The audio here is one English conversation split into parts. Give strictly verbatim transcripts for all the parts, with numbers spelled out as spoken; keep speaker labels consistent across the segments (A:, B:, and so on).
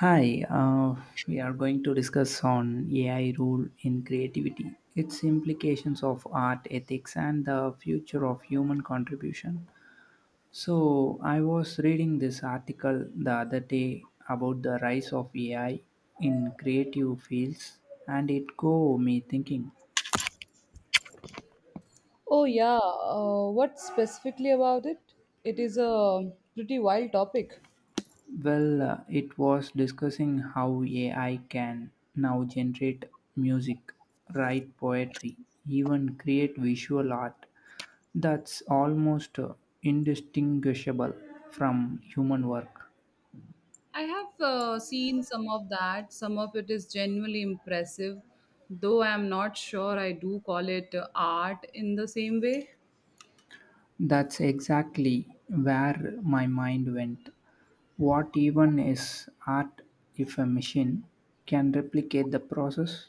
A: Hi, uh, we are going to discuss on A I role in creativity, its implications of art ethics, and the future of human contribution. So, I was reading this article the other day about the rise of A I in creative fields, and it got me thinking.
B: Oh, yeah. Uh, what specifically about it? It is a pretty wild topic.
A: Well, uh, it was discussing how A I can now generate music, write poetry, even create visual art that's almost uh, indistinguishable from human work.
B: I have uh, seen some of that. Some of it is genuinely impressive, though I'm not sure I do call it uh, art in the same way.
A: That's exactly where my mind went. What even is art if a machine can replicate the process?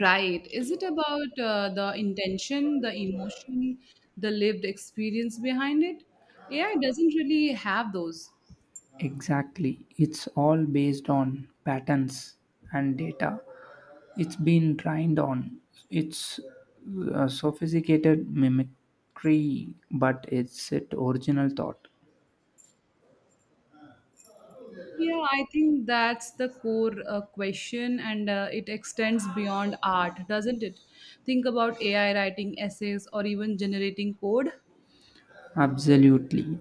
B: Right. Is it about uh, the intention, the emotion, the lived experience behind it? A I doesn't really have those.
A: Exactly. It's all based on patterns and data it's been trained on its uh, sophisticated mimicry, but its it original thought.
B: Yeah, I think that's the core uh, question, and uh, it extends beyond art, doesn't it? Think about A I writing essays or even generating code.
A: Absolutely.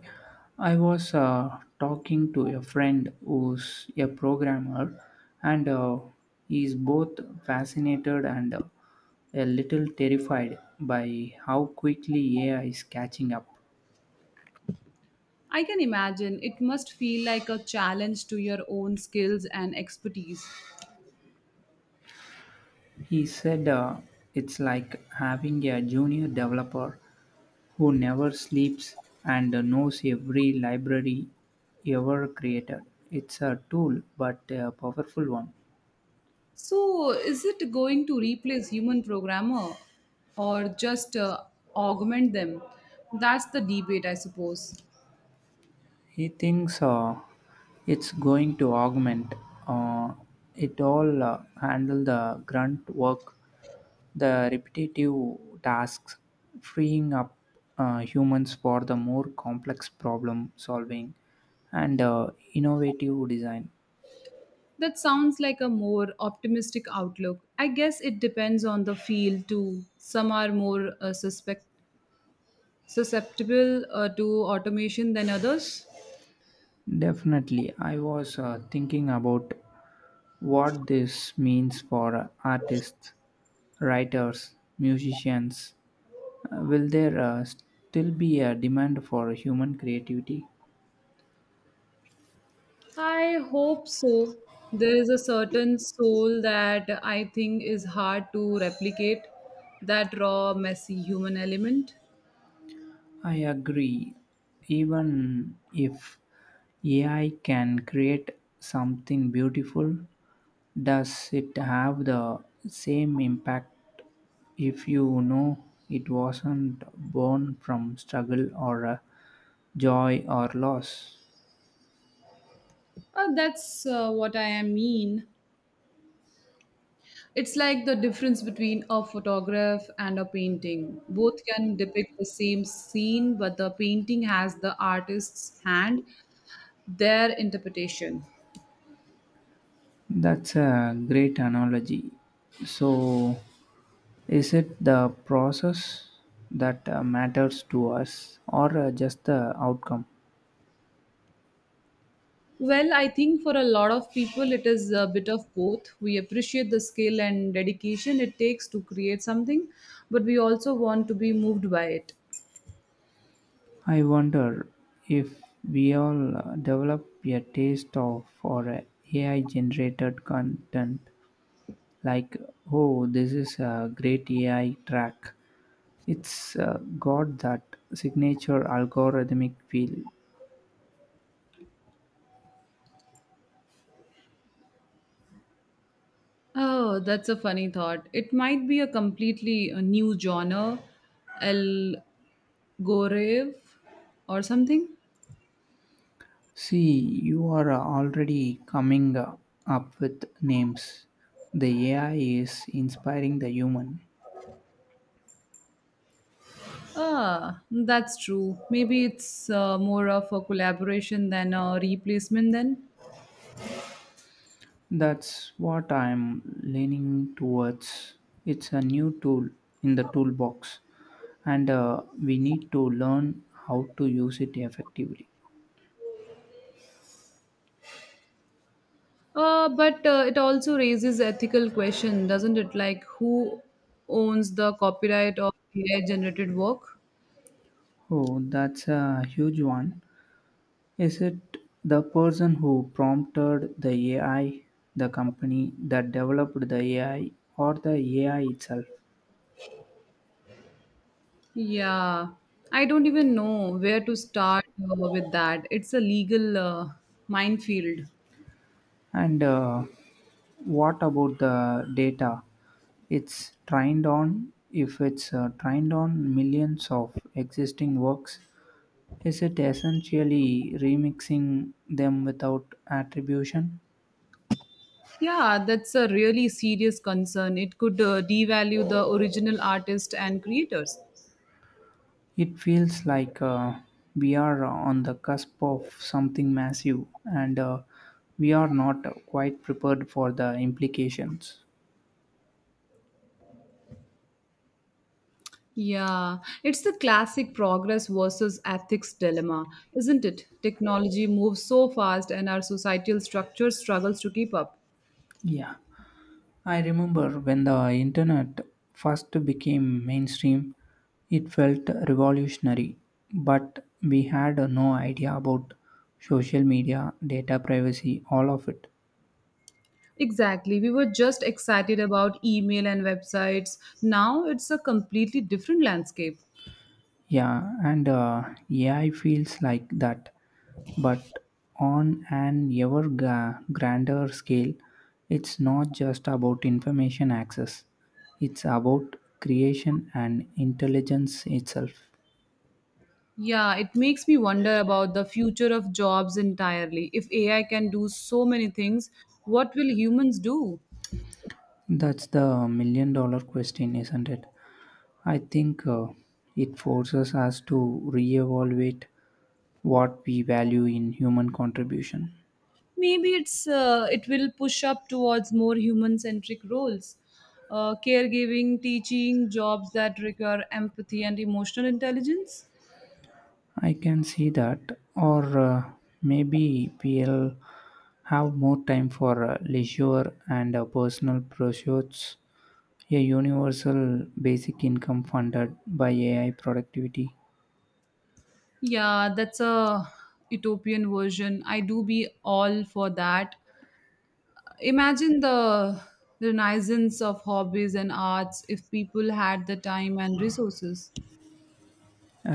A: I was uh, talking to a friend who's a programmer, and uh, he's both fascinated and uh, a little terrified by how quickly A I is catching up.
B: I can imagine it must feel like a challenge to your own skills and expertise.
A: He said uh, it's like having a junior developer who never sleeps and knows every library ever created. It's a tool, but a powerful one.
B: So, is it going to replace human programmer or just uh, augment them? That's the debate, I suppose.
A: He thinks uh, it's going to augment uh, it all, uh, handle the grunt work, the repetitive tasks, freeing up uh, humans for the more complex problem solving and uh, innovative design.
B: That sounds like a more optimistic outlook. I guess it depends on the field too. Some are more uh, suspect, susceptible uh, to automation than others.
A: Definitely. I was uh, thinking about what this means for uh, artists, writers, musicians. Uh, will there uh, still be a demand for human creativity?
B: I hope so. There is a certain soul that I think is hard to replicate, that raw, messy human element.
A: I agree. Even if A I can create something beautiful, does it have the same impact if you know it wasn't born from struggle or uh, joy or loss?
B: Uh, that's uh, what I mean. It's like the difference between a photograph and a painting. Both can depict the same scene, but the painting has the artist's hand, their interpretation.
A: That's a great analogy. So, is it the process that uh, matters to us or uh, just the outcome?
B: Well, I think for a lot of people, it is a bit of both. We appreciate the skill and dedication it takes to create something, but we also want to be moved by it.
A: I wonder if we all uh, develop a taste of for uh, A I generated content like oh, this is a great A I track, it's uh, got that signature algorithmic feel.
B: Oh, that's a funny thought. It might be a completely uh, new genre, El Gorev, or something.
A: See, you are uh, already coming uh, up with names. The A I is inspiring the human.
B: Ah, that's true. Maybe it's uh, more of a collaboration than a replacement then.
A: That's what I'm leaning towards. It's a new tool in the toolbox, and uh, we need to learn how to use it effectively.
B: Uh, but uh, it also raises ethical question, doesn't it? Like who owns the copyright of A I generated work?
A: Oh, that's a huge one. Is it the person who prompted the A I, the company that developed the A I, or the A I itself?
B: Yeah. I don't even know where to start uh, with that. It's a legal uh, minefield.
A: And uh, what about the data it's trained on? If it's uh, trained on millions of existing works, is it essentially remixing them without attribution?
B: Yeah, that's a really serious concern. It could uh, devalue the original artist and creators.
A: It feels like uh, we are on the cusp of something massive and uh, we are not quite prepared for the implications.
B: Yeah, it's the classic progress versus ethics dilemma, isn't it? Technology moves so fast and our societal structure struggles to keep up.
A: Yeah. I remember when the internet first became mainstream, it felt revolutionary, but we had no idea about social media, data privacy, all of it.
B: Exactly. We were just excited about email and websites. Now it's a completely different landscape.
A: Yeah, and uh, A I feels like that, but on an ever gra- grander scale. It's not just about information access, it's about creation and intelligence itself.
B: Yeah, it makes me wonder about the future of jobs entirely. If A I can do so many things, what will humans do?
A: That's the million dollar question, isn't it? I think uh, it forces us to reevaluate what we value in human contribution.
B: Maybe it's uh, it will push up towards more human centric roles, uh, caregiving, teaching jobs that require empathy and emotional intelligence.
A: I can see that, or uh, maybe we'll have more time for uh, leisure and uh, personal pursuits. A universal basic income funded by A I productivity.
B: Yeah, that's a utopian version. I do be all for that. Imagine the renaissance of hobbies and arts if people had the time and resources.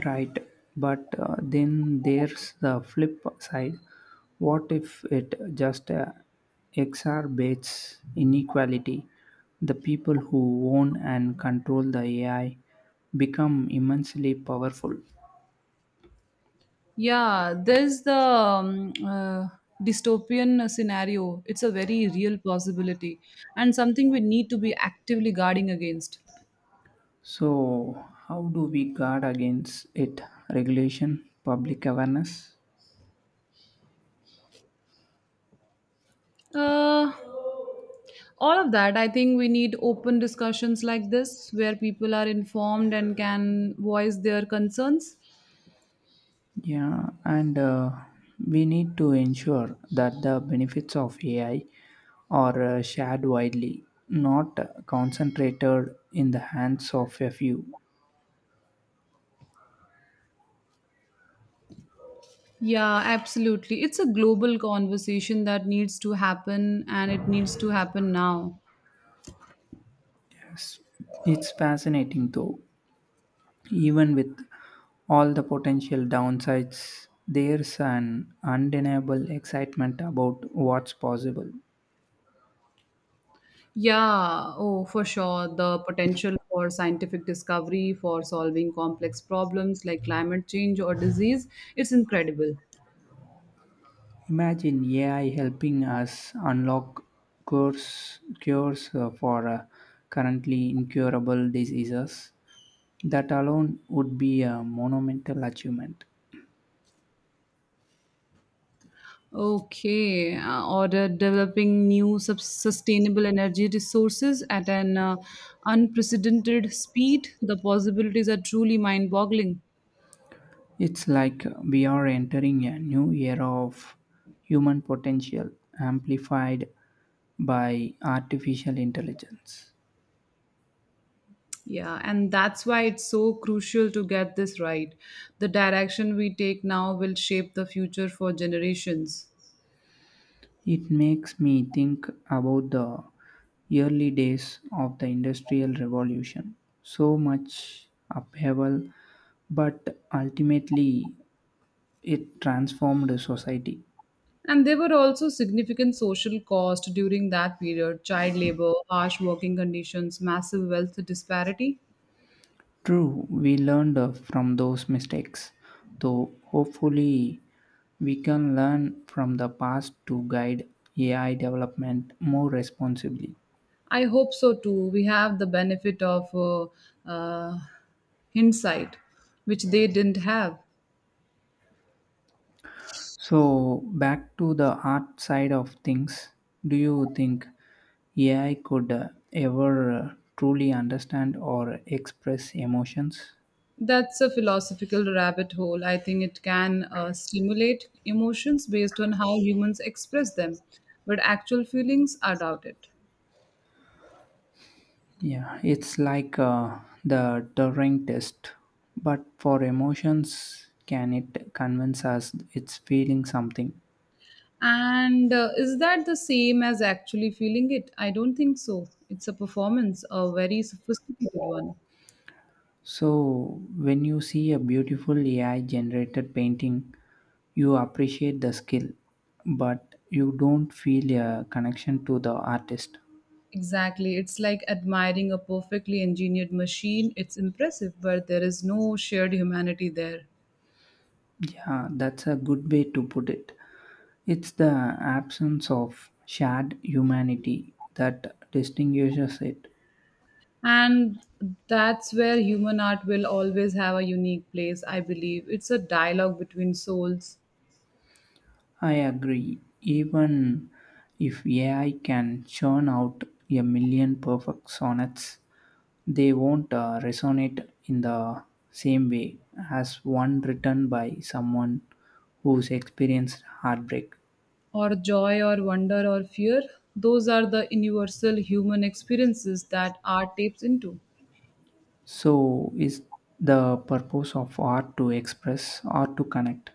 A: Right, but uh, then there's the flip side. What if it just uh, exacerbates inequality? The people who own and control the A I become immensely powerful.
B: Yeah, there's the um, uh, dystopian scenario. It's a very real possibility and something we need to be actively guarding against.
A: So, how do we guard against it? Regulation, public awareness?
B: Uh, all of that, I think we need open discussions like this where people are informed and can voice their concerns.
A: Yeah, and uh, we need to ensure that the benefits of A I are uh, shared widely, not concentrated in the hands of a few.
B: Yeah, absolutely. It's a global conversation that needs to happen and it needs to happen now.
A: Yes. It's fascinating though, even with all the potential downsides, there's an undeniable excitement about what's possible.
B: Yeah, oh, for sure. The potential for scientific discovery, for solving complex problems like climate change or disease, it's incredible.
A: Imagine A I helping us unlock cures, cures uh, for uh, currently incurable diseases. That alone would be a monumental achievement.
B: Okay, uh, or the developing new sub- sustainable energy resources at an uh, unprecedented speed, the possibilities are truly mind boggling.
A: It's like we are entering a new era of human potential amplified by artificial intelligence.
B: Yeah, and that's why it's so crucial to get this right. The direction we take now will shape the future for generations.
A: It makes me think about the early days of the Industrial Revolution. So much upheaval, but ultimately it transformed society.
B: And there were also significant social costs during that period: child labor, harsh working conditions, massive wealth disparity.
A: True, we learned uh, from those mistakes, though hopefully we can learn from the past to guide A I development more responsibly.
B: I hope so too. We have the benefit of uh, uh, hindsight, which they didn't have.
A: So, back to the art side of things, do you think A I could uh, ever uh, truly understand or express emotions?
B: That's a philosophical rabbit hole. I think it can uh, stimulate emotions based on how humans express them, but actual feelings are doubted.
A: Yeah, it's like uh, the Turing test, but for emotions, can it convince us it's feeling something?
B: And uh, is that the same as actually feeling it? I don't think so. It's a performance, a very sophisticated one.
A: So, when you see a beautiful A I generated painting, you appreciate the skill, but you don't feel a connection to the artist.
B: Exactly. It's like admiring a perfectly engineered machine. It's impressive, but there is no shared humanity there.
A: Yeah, that's a good way to put it. It's the absence of shared humanity that distinguishes it.
B: And that's where human art will always have a unique place, I believe. It's a dialogue between souls,
A: I agree. Even if A I can churn out a million perfect sonnets, they won't uh, resonate in the same way as one written by someone who's experienced heartbreak.
B: or joy, or wonder, or fear. Those are the universal human experiences that art taps into.
A: So, is the purpose of art to express or to connect?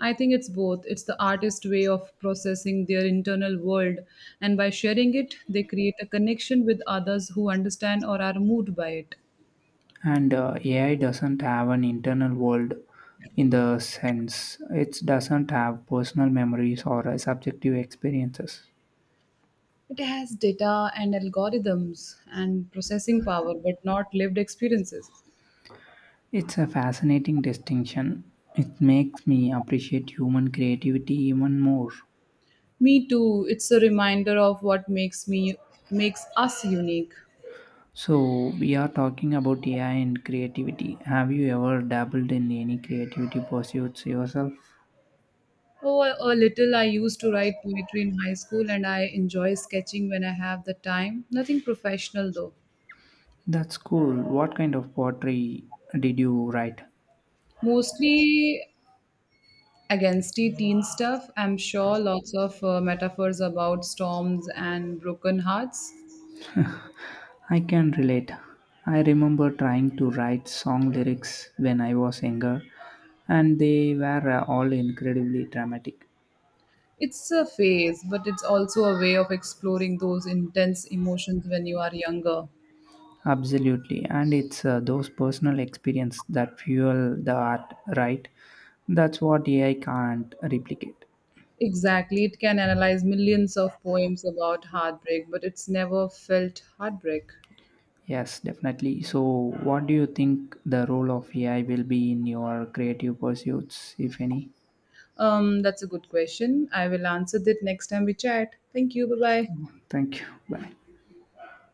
B: I think it's both. It's the artist's way of processing their internal world, and by sharing it, they create a connection with others who understand or are moved by it.
A: And uh, A I doesn't have an internal world in the sense it doesn't have personal memories or uh, subjective experiences.
B: It has data and algorithms and processing power, but not lived experiences.
A: It's a fascinating distinction. It makes me appreciate human creativity even more.
B: Me too. It's a reminder of what makes me makes us unique.
A: So, we are talking about A I and creativity. Have you ever dabbled in any creativity pursuits yourself?
B: Oh, a little. I used to write poetry in high school, and I enjoy sketching when I have the time. Nothing professional though.
A: That's cool. What kind of poetry did you write?
B: Mostly against the teen stuff. I'm sure lots of uh, metaphors about storms and broken hearts.
A: I can relate. I remember trying to write song lyrics when I was younger, and they were uh, all incredibly dramatic.
B: It's a phase, but it's also a way of exploring those intense emotions when you are younger.
A: Absolutely, and it's uh, those personal experience that fuel the art, right? That's what A I can't replicate.
B: Exactly, it can analyze millions of poems about heartbreak, but it's never felt heartbreak.
A: Yes, definitely. So, what do you think the role of A I will be in your creative pursuits, if any?
B: Um, that's a good question. I will answer that next time we chat. Thank you. Bye bye.
A: Thank you. Bye.